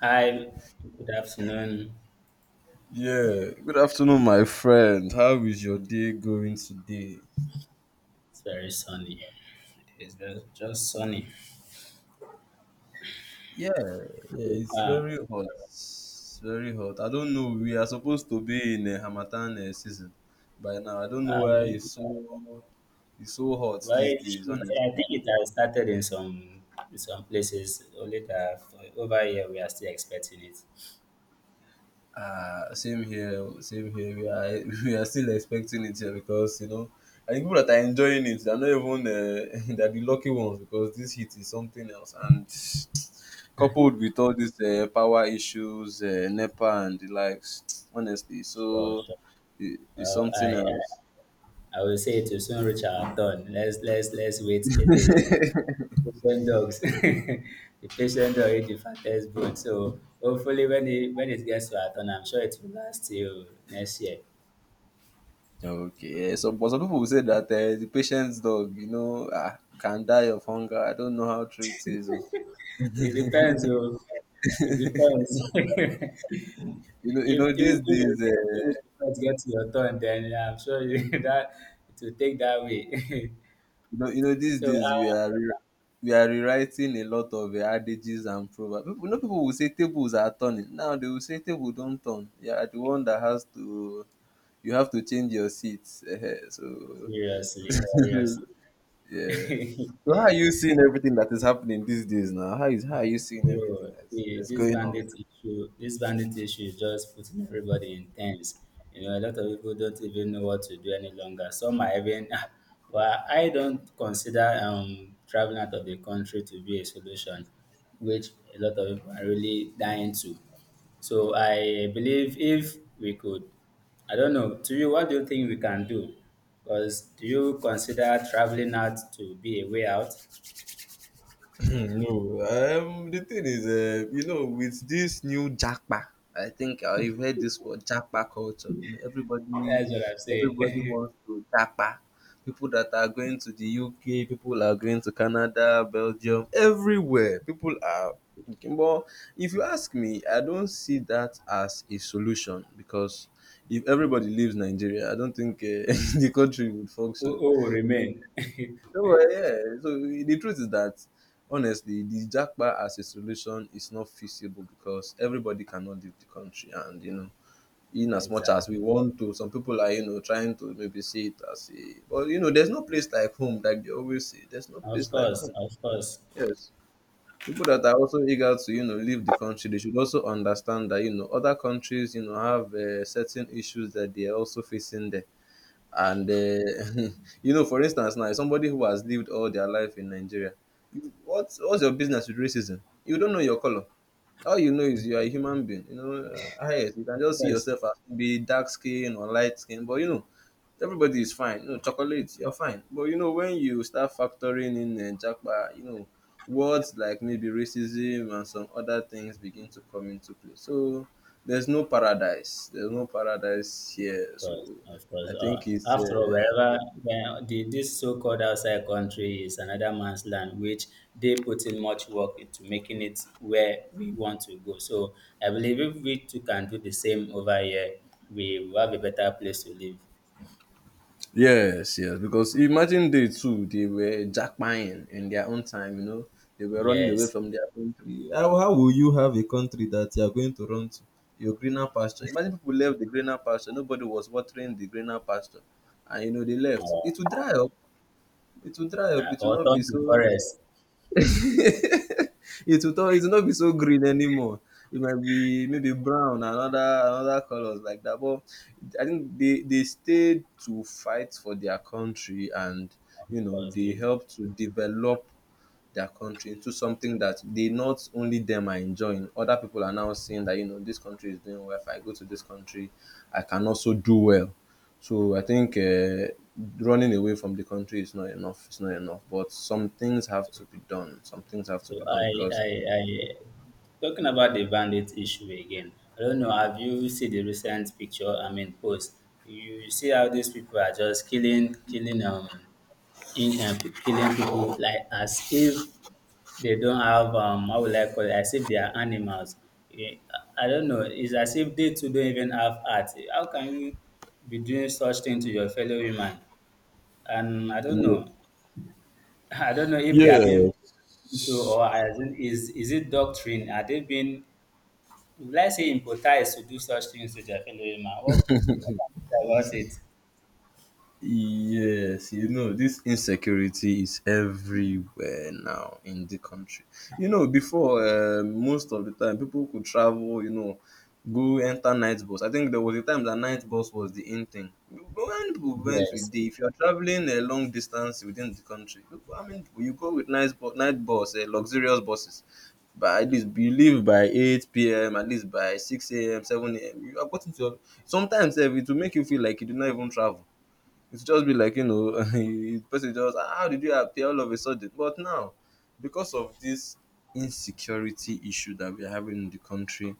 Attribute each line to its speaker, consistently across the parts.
Speaker 1: Hi, good afternoon.
Speaker 2: Yeah, good afternoon, my friend. How is your day going today?
Speaker 1: It's very sunny. It's just sunny.
Speaker 2: Yeah, yeah, it's
Speaker 1: Um,
Speaker 2: very hot. It's very hot. I don't know. We are supposed to be in a Hamatan season by now. I don't know why it's
Speaker 1: um,
Speaker 2: so hot
Speaker 1: well,
Speaker 2: these days,
Speaker 1: I
Speaker 2: honestly.
Speaker 1: think it has started in some places. Only that over here we are still expecting it.
Speaker 2: Same here, same here. We are we are still expecting it here because I think people that are enjoying it, they're not even they're the lucky ones because this heat is something else. And coupled with all these power issues, NEPA and the likes, honestly,
Speaker 1: Sure,
Speaker 2: so
Speaker 1: sure.
Speaker 2: it's
Speaker 1: Well, I
Speaker 2: something else.
Speaker 1: I, I will say to soon reach our turn. Let's wait. It, the patient dogs, the patient dog is the fattest bone. So hopefully when it gets to our turn, I'm sure it will last till next year.
Speaker 2: Okay, yeah, so but some people will say that the patient's dog, ah, can die of hunger. I don't know how true it is. Oh.
Speaker 1: It depends. Oh. It depends.
Speaker 2: You
Speaker 1: if
Speaker 2: know
Speaker 1: if
Speaker 2: these
Speaker 1: if you
Speaker 2: days.
Speaker 1: go finish before it gets to your turn, then yeah, I'm sure you, that it will take that way.
Speaker 2: You know, these
Speaker 1: So
Speaker 2: days we are rewriting a lot of adages and proverbs. People, people will say tables are turning. Now they will say table don't turn. You are the one that has to. You have to change your seats. Eh, eh, so
Speaker 1: seriously, seriously.
Speaker 2: yeah. So how are you seeing everything that is happening these days now? How are you seeing everything
Speaker 1: Bro,
Speaker 2: that's
Speaker 1: this
Speaker 2: going on?
Speaker 1: bandit issue, this bandit issue is just putting everybody in tense. You know, a lot of people don't even know what to do any longer. Some are even, but I don't consider traveling out of the country to be a solution, which a lot of people are really dying to. So I believe if we could, I don't know, to you, what do you think we can do? Because do you consider traveling out to be a way out?
Speaker 2: No, the thing is, you know, with this new jackpa, I think you've heard this word, jackpa culture. You know,
Speaker 1: That's what I'm saying.
Speaker 2: everybody wants to jackpa. People that are going to the UK, people are going to Canada, Belgium, everywhere. People are. Okay, but if you ask me, I don't see that as a solution because if everybody leaves Nigeria, I don't think the country would
Speaker 1: who,
Speaker 2: function.
Speaker 1: who will remain?
Speaker 2: No, but yeah. So the truth is that honestly, the jackpot as a solution is not feasible because everybody cannot leave the country, and you know, in as much as we
Speaker 1: Exactly.
Speaker 2: want to, some people are you know trying to maybe see it as a, but you know, there's no place like home, like they always say. There's no
Speaker 1: Of
Speaker 2: place like
Speaker 1: course,
Speaker 2: home.
Speaker 1: of course,
Speaker 2: Yes. People that are also eager to, you know, leave the country, they should also understand that, you know, other countries, you know, have certain issues that they are also facing there and you know for instance now somebody who has lived all their life in Nigeria, what's your business with racism? You don't know your color. All you know is you are a human being, you know. Yes, you can
Speaker 1: of
Speaker 2: just see
Speaker 1: course,
Speaker 2: yourself as be dark skin or light skin, but you know everybody is fine. You know, chocolate, you're fine. But you know, when you start factoring in Jackpa, you know, words like maybe racism and some other things begin to come into play. So there's no paradise. There's no paradise here.
Speaker 1: of
Speaker 2: So
Speaker 1: course. Of
Speaker 2: I
Speaker 1: course.
Speaker 2: think it's
Speaker 1: After all, wherever when this so-called outside country is another man's land, which they put in much work into making it where we want to go. So I believe if we too can do the same over here, we will have a better place to live.
Speaker 2: yes, yes, because imagine they too, they were jackpying in their own time, you know, they were running away
Speaker 1: Yes.
Speaker 2: from their country. How will you have a country that you are going to run to? Your greener pasture. Imagine people left the greener pasture, nobody was watering the greener pasture, and you know, they left. It will
Speaker 1: Uh,
Speaker 2: dry up, it will dry up,
Speaker 1: Now,
Speaker 2: It will
Speaker 1: or
Speaker 2: not be
Speaker 1: turn to
Speaker 2: so.
Speaker 1: forest
Speaker 2: It will turn. It will not be so green anymore. It might be maybe brown and other colours like that. But I think they stayed to fight for their country and you know
Speaker 1: because
Speaker 2: they
Speaker 1: they.
Speaker 2: helped to develop their country into something that they, not only them, are enjoying. Other people are now seeing that, you know, this country is doing well. If I go to this country I can also do well. So I think running away from the country is not enough. It's not enough. But some things have to be done. Some things have to
Speaker 1: So
Speaker 2: be done because
Speaker 1: I, talking about the bandit issue again. I don't know. Have you seen the recent picture? I mean, post. You see how these people are just killing people like as if they don't have how will I call it? As if they are animals. Eh, I don't know. It's as if they too don't even have heart. How can you be doing such thing to your fellow human? And I don't
Speaker 2: yeah.
Speaker 1: know. I don't know if they
Speaker 2: Yeah.
Speaker 1: are being so or as in, is it doctrine? Are they being, let's say, impolitized to do such things to their fellow human? What can you say about it?
Speaker 2: Yes, you know, this insecurity is everywhere now in the country. You know, before, most of the time, people could travel, you know, go enter night bus. I think there was a time that night bus was the in thing. But when people went with
Speaker 1: Yes,
Speaker 2: day, if you're traveling a long distance within the country, people, I mean, you go with night, night bus, luxurious buses. But at least you leave by 8 p.m., at least by 6 a.m., 7 a.m. You have gotten to your, sometimes eh, it will make you feel like you did not even travel. It's just be like, you know, the person just "Ah, how did you appear all of a sudden?" But now because of this insecurity issue that we're having in the country,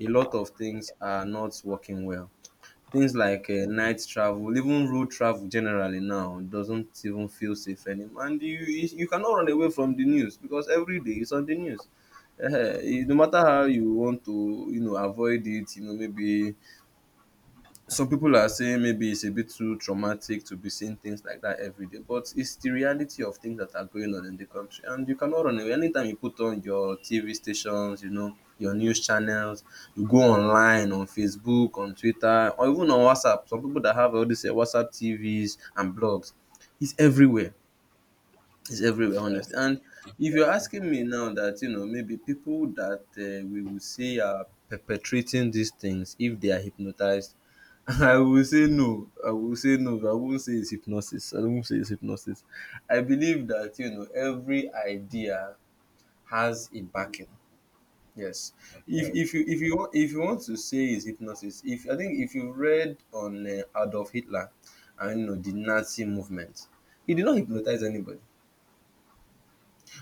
Speaker 2: a lot of things are not working well. Things like night travel, even road travel generally, now doesn't even feel safe anymore, and you cannot run away from the news because every day it's on the news. Eh, eh, no matter how you want to, you know, avoid it, you know, maybe some people are saying maybe it's a bit too traumatic to be seeing things like that every day, but it's the reality of things that are going on in the country, and you cannot run away. Anytime you put on your TV stations, you know, your news channels, you go online on Facebook, on Twitter, or even on WhatsApp. Some people that have all these eh, WhatsApp TVs and blogs, it's everywhere. It's everywhere,
Speaker 1: of
Speaker 2: honestly.
Speaker 1: course,
Speaker 2: And if you're
Speaker 1: yes,
Speaker 2: asking me now that, you know, maybe people that we will see are perpetrating these things, if they are hypnotized, I will say no. I will say no. I won't say it's hypnosis. I won't say it's hypnosis. I believe that, you know, every idea has a backing. Yes.
Speaker 1: of course,
Speaker 2: If you want, if you want to say it's hypnosis, if I think if you read on Adolf Hitler and you know the Nazi movement, he did not hypnotize anybody.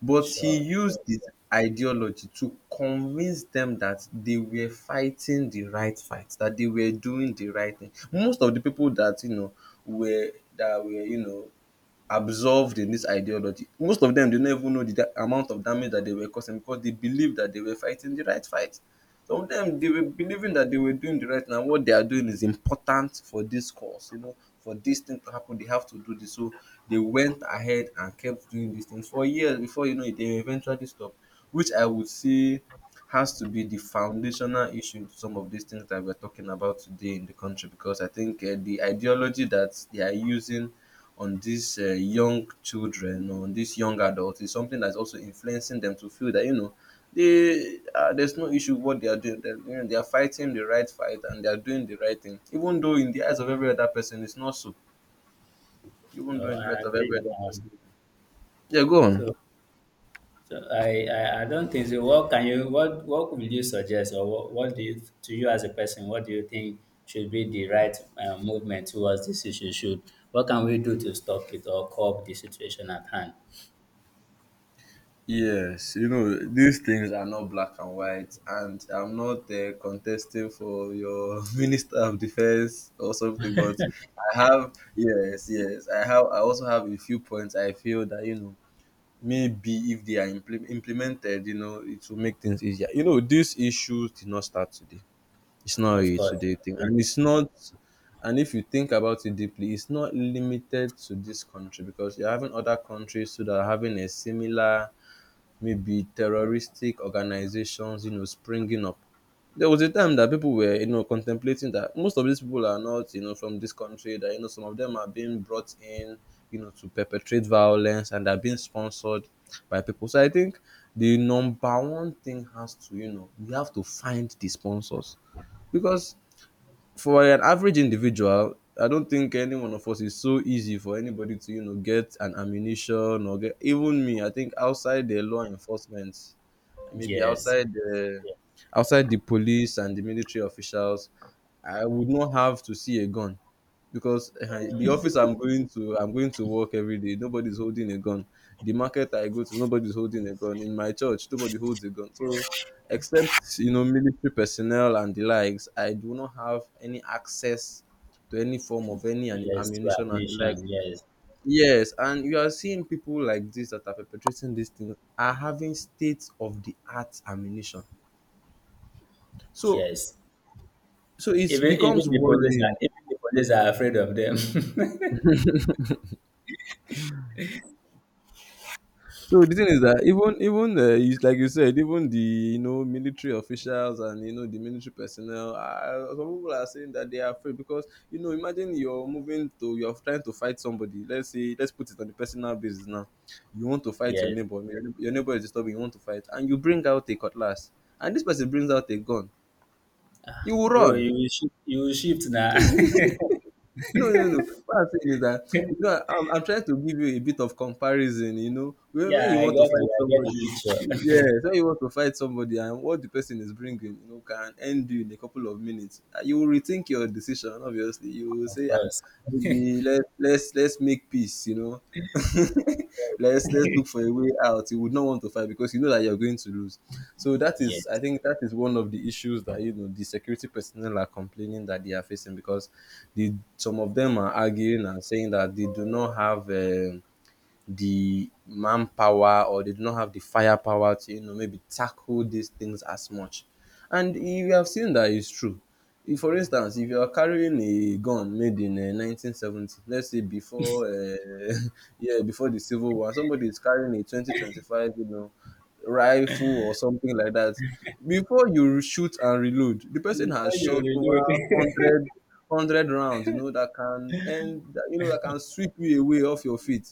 Speaker 2: But he
Speaker 1: sure.
Speaker 2: used
Speaker 1: Sure.
Speaker 2: his ideology to convince them that they were fighting the right fight, that they were doing the right thing. Most of the people that, you know, were you know, absorbed in this ideology. Most of them do not even know the amount of damage that they were causing because they believed that they were fighting the right fight. Some of them they were believing that they were doing the right thing, and what they are doing is important for this cause. You know, for this thing to happen, they have to do this. So they went ahead and kept doing these things for years before, you know it, they eventually stopped, which I would say has to be the foundational issue to some of these things that we're talking about today in the country, because I think the ideology that they are using on these young children, on these young adults, is something that's also influencing them to feel that, you know, they there's no issue with what they are doing. They're, you know, they are fighting the right fight and they are doing the right thing, even though in the eyes of every other person it's not so. Even though
Speaker 1: Oh,
Speaker 2: in the eyes
Speaker 1: I
Speaker 2: of every
Speaker 1: agree.
Speaker 2: other
Speaker 1: I
Speaker 2: person,
Speaker 1: agree.
Speaker 2: yeah, go on.
Speaker 1: So, so, I don't think so. What can you what will you suggest or what do you to you as a person? What do you think should be the right movement towards this issue? Should what can we do to stop it or curb the situation at hand?
Speaker 2: Yes, you know, these things are not black and white, and I'm not contesting for your Minister of Defense or something, but I have, I have, I also have a few points I feel that, you know, maybe if they are implemented, you know, it will make things easier. You know, these issues did not start today. It's not
Speaker 1: Of
Speaker 2: a
Speaker 1: course.
Speaker 2: today thing, and
Speaker 1: Yes.
Speaker 2: it's not. And if you think about it deeply, it's not limited to this country because you're having other countries too that are having a similar, maybe terroristic organizations, you know, springing up. There was a time that people were, you know, contemplating that most of these people are not, you know, from this country, that you know some of them are being brought in, you know, to perpetrate violence and are being sponsored by people. So I think the number 1 thing has to, you know, we have to find the sponsors. Because for an average individual I don't think any one of us is so easy for anybody to, you know, get an ammunition or get, even me, I think outside the law enforcement, maybe
Speaker 1: Yes.
Speaker 2: outside the police and the military officials, I would not have to see a gun because the office I'm going to, I'm going to work every day. Nobody's holding a gun. The market I go to, nobody's holding a gun. In my church, nobody holds a gun. So except you know military personnel and the likes, I do not have any access to any form of any
Speaker 1: Yes. To our
Speaker 2: ammunition and the like.
Speaker 1: nation. Yes.
Speaker 2: Yes, and you are seeing people like this that are perpetrating these things are having state of the art ammunition. So,
Speaker 1: Yes.
Speaker 2: so it
Speaker 1: Even
Speaker 2: becomes
Speaker 1: even the police are
Speaker 2: worrying.
Speaker 1: even the police are afraid of them.
Speaker 2: So the thing is that even like you said, even the military officials and the military personnel, some people are saying that they are afraid because imagine you're trying to fight somebody. Let's say let's put it on the personal basis now. You want to fight your
Speaker 1: Yes.
Speaker 2: neighbor, your neighbor is disturbing. You want to fight, and you bring out a cutlass, and this person brings out a gun. You will
Speaker 1: Bro,
Speaker 2: run.
Speaker 1: you will shift now.
Speaker 2: No, no, no. What I'm saying is that I'm trying to give you a bit of comparison. You know, when
Speaker 1: Yeah,
Speaker 2: you
Speaker 1: I
Speaker 2: want to
Speaker 1: get
Speaker 2: fight
Speaker 1: you, I get
Speaker 2: somebody,
Speaker 1: the picture.
Speaker 2: yes, when you want to fight somebody, and what the person is bringing, can end you in a couple of minutes. You will rethink your decision. Obviously, you will
Speaker 1: Of
Speaker 2: say,
Speaker 1: course.
Speaker 2: maybe let's make peace. Let's look for a way out. You would not want to fight because you know that you're going to lose. So that is, I
Speaker 1: Yes.
Speaker 2: think, that is one of the issues that the security personnel are complaining that they are facing because the some of them are arguing and saying that they do not have the manpower, or they do not have the firepower to maybe tackle these things as much. And you have seen that it's true. If, for instance, if you are carrying a gun made in 1970, let's say before yeah, before the Civil War, somebody is carrying a 2025 rifle or something like that. Before you shoot and reload, the person
Speaker 1: Before
Speaker 2: has
Speaker 1: you
Speaker 2: shot
Speaker 1: reload.
Speaker 2: over hundred hundred rounds. You know that can end that, you know that can sweep you away off your feet.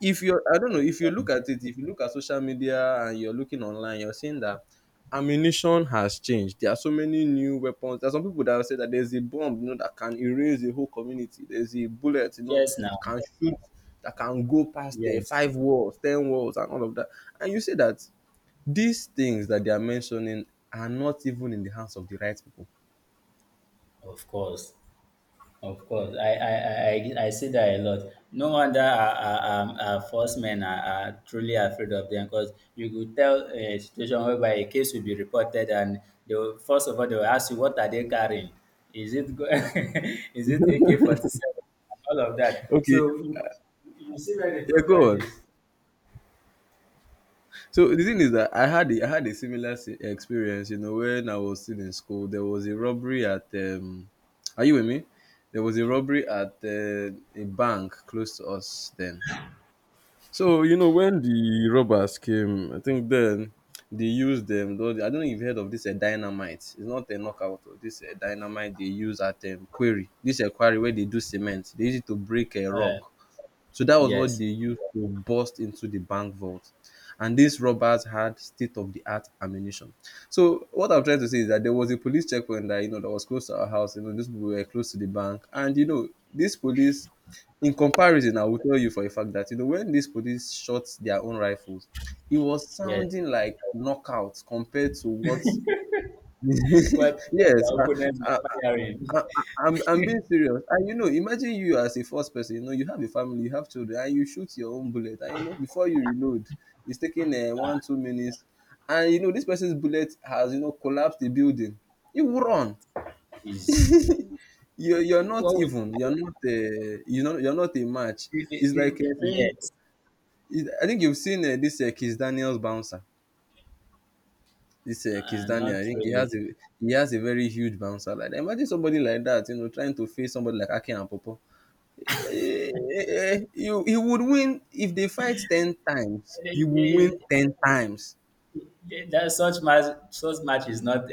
Speaker 2: If you're, I don't know, if you look at it, if you look at social media and you're looking online, you're seeing that ammunition has changed. There are so many new weapons. There are some people that will say that there's a bomb, that can erase a whole community. There's a bullet,
Speaker 1: Yes, now.
Speaker 2: that can go past the
Speaker 1: Yes.
Speaker 2: five walls, ten walls, and all of that. And you say that these things that they are mentioning are not even in the hands of the right people.
Speaker 1: Of course. Of course, I see that a lot. No wonder our force men are truly afraid of them because you could tell a situation whereby a case will be reported and they will, first of all they will ask you, what are they carrying? Is it is it AK-47? All of that.
Speaker 2: Okay,
Speaker 1: So you see where the
Speaker 2: yeah, go
Speaker 1: problem
Speaker 2: on.
Speaker 1: is.
Speaker 2: So the thing is that I had a similar experience, when I was still in school. There was a robbery at are you with me? There was a robbery at a bank close to us then. So when the robbers came, I think then they used them. Though I don't know if you have heard of this, a dynamite. It's not a knockout. Oh, this a dynamite they use at quarry. This a quarry where they do cement. They use it to break a rock. So that was what
Speaker 1: Yes,
Speaker 2: they used to bust into the bank vault. And these robbers had state of the art ammunition. So what I'm trying to say is that there was a police checkpoint that you know that was close to our house. These people were close to the bank. And these police, in comparison, I will tell you for a fact that when these police shot their own rifles, it was
Speaker 1: yes.
Speaker 2: sounding like knockouts compared to what
Speaker 1: What the
Speaker 2: yes,
Speaker 1: opponents
Speaker 2: I,
Speaker 1: was firing.
Speaker 2: I, I'm being serious. And imagine you as a first person, you have a family, you have children, and you shoot your own bullet. And before you reload, it's taking one, 2 minutes. And this person's bullet has, collapsed the building. You will run.
Speaker 1: is
Speaker 2: You're not
Speaker 1: what was
Speaker 2: even. You're not a match.
Speaker 1: the, the,
Speaker 2: It's like
Speaker 1: the,
Speaker 2: saying,
Speaker 1: yes,
Speaker 2: I think you've seen this Kiss Daniel's bouncer. This Kiss Daniel, I
Speaker 1: not
Speaker 2: think
Speaker 1: really.
Speaker 2: he has a very huge bouncer. Like that. Imagine somebody like that, trying to face somebody like Ake and Popo. Eh, eh, you he would win. If they fight 10 times, he
Speaker 1: It
Speaker 2: will win
Speaker 1: is-
Speaker 2: 10 times.
Speaker 1: that such match, is not.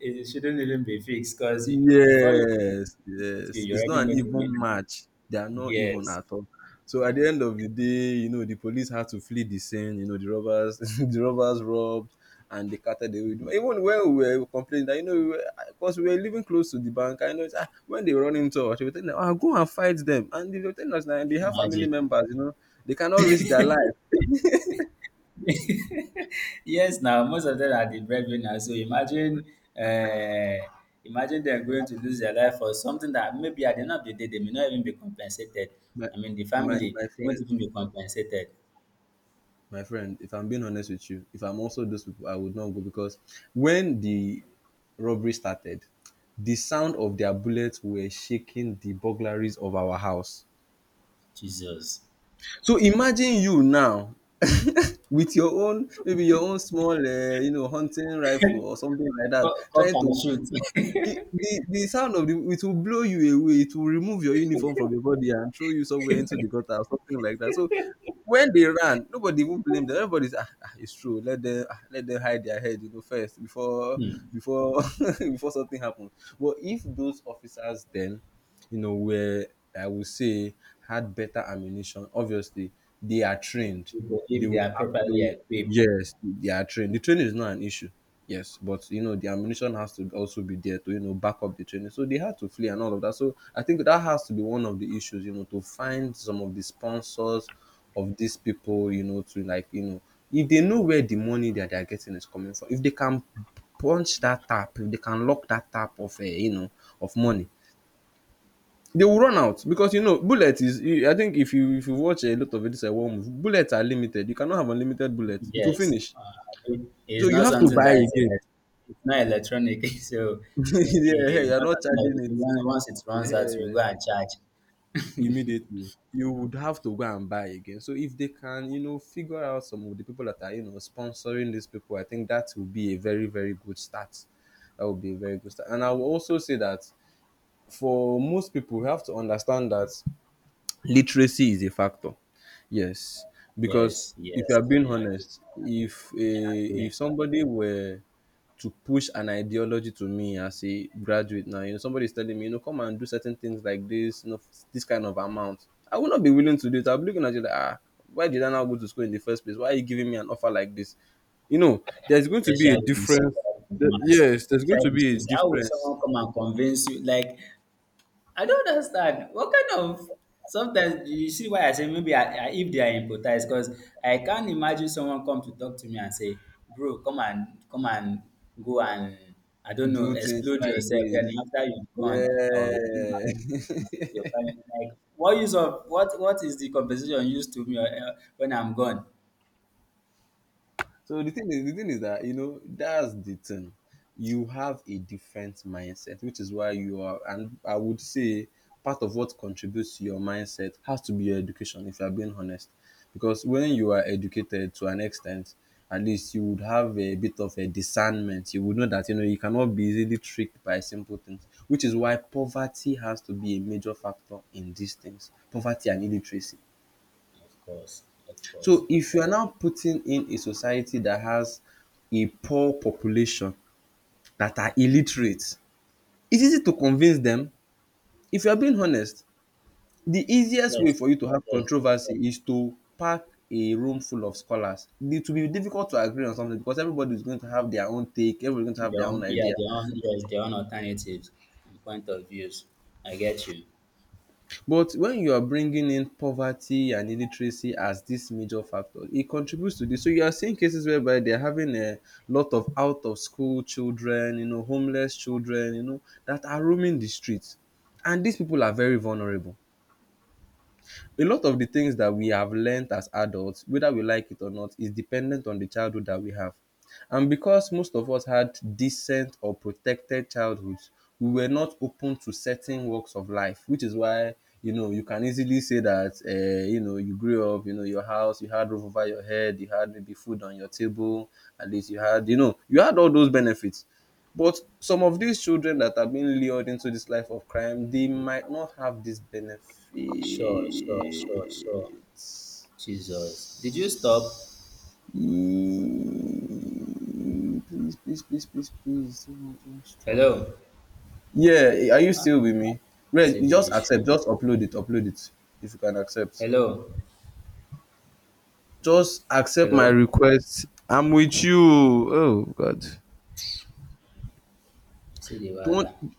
Speaker 1: It shouldn't even be fixed because before you,
Speaker 2: Yes, yes,
Speaker 1: you
Speaker 2: it's
Speaker 1: already
Speaker 2: not
Speaker 1: know
Speaker 2: an
Speaker 1: the
Speaker 2: even
Speaker 1: winner.
Speaker 2: match. They are not even
Speaker 1: Yes,
Speaker 2: at all. So at the end of the day, the police had to flee the scene. The robbers the robbers robbed, and they carted away, even when we were complaining that because we were living close to the bank. I know it's, when they run into us, they were telling us, go and fight them, and they were telling us that they have family
Speaker 1: imagine.
Speaker 2: members. They cannot risk their life.
Speaker 1: Yes, now most of them are the breadwinners. So uh, imagine they're going to lose their life for something that maybe at the end of the day they may not even be compensated.
Speaker 2: My,
Speaker 1: I mean, the
Speaker 2: my
Speaker 1: family won't even be compensated.
Speaker 2: my friend, if I'm being honest with you, if I'm also those people, I would not go, because when the robbery started, the sound of their bullets were shaking the burglaries of our house.
Speaker 1: Jesus,
Speaker 2: So imagine you now with your own, maybe your own small, hunting rifle or something like that,
Speaker 1: cock cock
Speaker 2: trying
Speaker 1: and
Speaker 2: to
Speaker 1: shoot.
Speaker 2: it the sound of the it will blow you away. It will remove your uniform from your body and throw you somewhere into the gutter or something like that. So when they ran, nobody even blamed them. Everybody's it's true. Let them let them hide their head, first before before before something happens. But if those officers then, were, I would say, had better ammunition. Obviously, they are trained.
Speaker 1: People
Speaker 2: They
Speaker 1: if they
Speaker 2: will
Speaker 1: are
Speaker 2: have
Speaker 1: properly
Speaker 2: to,
Speaker 1: equipped.
Speaker 2: yes, they are trained. The training is not an issue. Yes, but the ammunition has to also be there to back up the training. So they had to flee and all of that. So I think that has to be one of the issues, to find some of the sponsors of these people, to like if they know where the money that they are getting is coming from, if they can punch that tap, if they can lock that tap of of money, they will run out, because bullet is I think if you watch a lot of it, it's a war movie, bullets are limited. You cannot have unlimited bullets, it will
Speaker 1: Yes,
Speaker 2: finish.
Speaker 1: it,
Speaker 2: So
Speaker 1: it's
Speaker 2: you
Speaker 1: not
Speaker 2: have to
Speaker 1: something
Speaker 2: buy
Speaker 1: that
Speaker 2: again.
Speaker 1: it's not electronic, so
Speaker 2: yeah,
Speaker 1: it's
Speaker 2: you're
Speaker 1: not
Speaker 2: not
Speaker 1: something that
Speaker 2: charging
Speaker 1: you see
Speaker 2: it.
Speaker 1: once, once it runs out,
Speaker 2: eh,
Speaker 1: you go and charge.
Speaker 2: Immediately you would have to go and buy again. So if they can figure out some of the people that are sponsoring these people, I think that will be a very very good start. That would be a very good start. And I will also say that, for most people, we have to understand that literacy is a factor. Yes, because
Speaker 1: Yes,
Speaker 2: if you
Speaker 1: yes,
Speaker 2: are being
Speaker 1: I agree.
Speaker 2: honest,
Speaker 1: I
Speaker 2: if
Speaker 1: agree.
Speaker 2: somebody were to push an ideology to me as a graduate now, somebody is telling me, come and do certain things like this. This kind of amount, I will not be willing to do it. I'll be looking at you like, ah, why did I now go to school in the first place? Why are you giving me an offer like this? There's going to be a
Speaker 1: Especially in the super
Speaker 2: difference.
Speaker 1: governments,
Speaker 2: Yes, there's going
Speaker 1: especially
Speaker 2: to
Speaker 1: in
Speaker 2: be a
Speaker 1: schools. How will
Speaker 2: difference.
Speaker 1: someone come and convince you? Like, I don't understand. What kind of sometimes you see why I say maybe if they are empathized, because I can't imagine someone come to talk to me and say, "Bro, come and go and I don't know,
Speaker 2: Do things
Speaker 1: explode
Speaker 2: like
Speaker 1: yourself."
Speaker 2: this.
Speaker 1: And after you've gone, I will give back
Speaker 2: Yeah.
Speaker 1: and compensate your family. Like, what use of what? What is the compensation used to me when I'm gone?
Speaker 2: So the thing is that that's the thing. You have a different mindset, which is why you are, and I would say part of what contributes to your mindset has to be your education. If you are being honest, because when you are educated to an extent, at least you would have a bit of a discernment. You would know that you cannot be easily tricked by simple things, which is why poverty has to be a major factor in these things. Poverty and illiteracy,
Speaker 1: Of course, of course.
Speaker 2: so if you are now putting in a society that has a poor population that are illiterate, it's easy to convince them. If you are being honest, the easiest way
Speaker 1: Yes,
Speaker 2: for you to have
Speaker 1: yes.
Speaker 2: controversy is to pack a room full of scholars. It will be difficult to agree on something, because everybody is going to have their own take, everybody is going to have
Speaker 1: Their
Speaker 2: their own
Speaker 1: own, yeah,
Speaker 2: idea.
Speaker 1: their own, yes, their own alternatives and point of views. I get you.
Speaker 2: But when you are bringing in poverty and illiteracy as these major factors, it contributes to this. So you are seeing cases whereby they're having a lot of out of school children, homeless children, that are roaming the streets. And these people are very vulnerable. A lot of the things that we have learned as adults, whether we like it or not, is dependent on the childhood that we have. And because most of us had decent or protected childhoods, we were not open to certain walks of life, which is why you can easily say that you grew up, you know your house, you had roof over your head, you had maybe food on your table, at least you had all those benefits. But some of these children that are being lured into this life of crime, they might not have this benefit.
Speaker 1: Sure, sure, sure, sure.
Speaker 2: Mm.
Speaker 1: Jesus. Did you stop?
Speaker 2: Please, please, please, please, please, don't stop.
Speaker 1: Hello?
Speaker 2: Yeah, are you
Speaker 1: Huh?
Speaker 2: still with me? Rest,
Speaker 1: See
Speaker 2: you
Speaker 1: the
Speaker 2: just
Speaker 1: issue.
Speaker 2: accept, just upload it if you can accept.
Speaker 1: Hello?
Speaker 2: Just accept my
Speaker 1: Hello?
Speaker 2: request. I'm with you. Oh, God.
Speaker 1: See the
Speaker 2: Don't
Speaker 1: wala.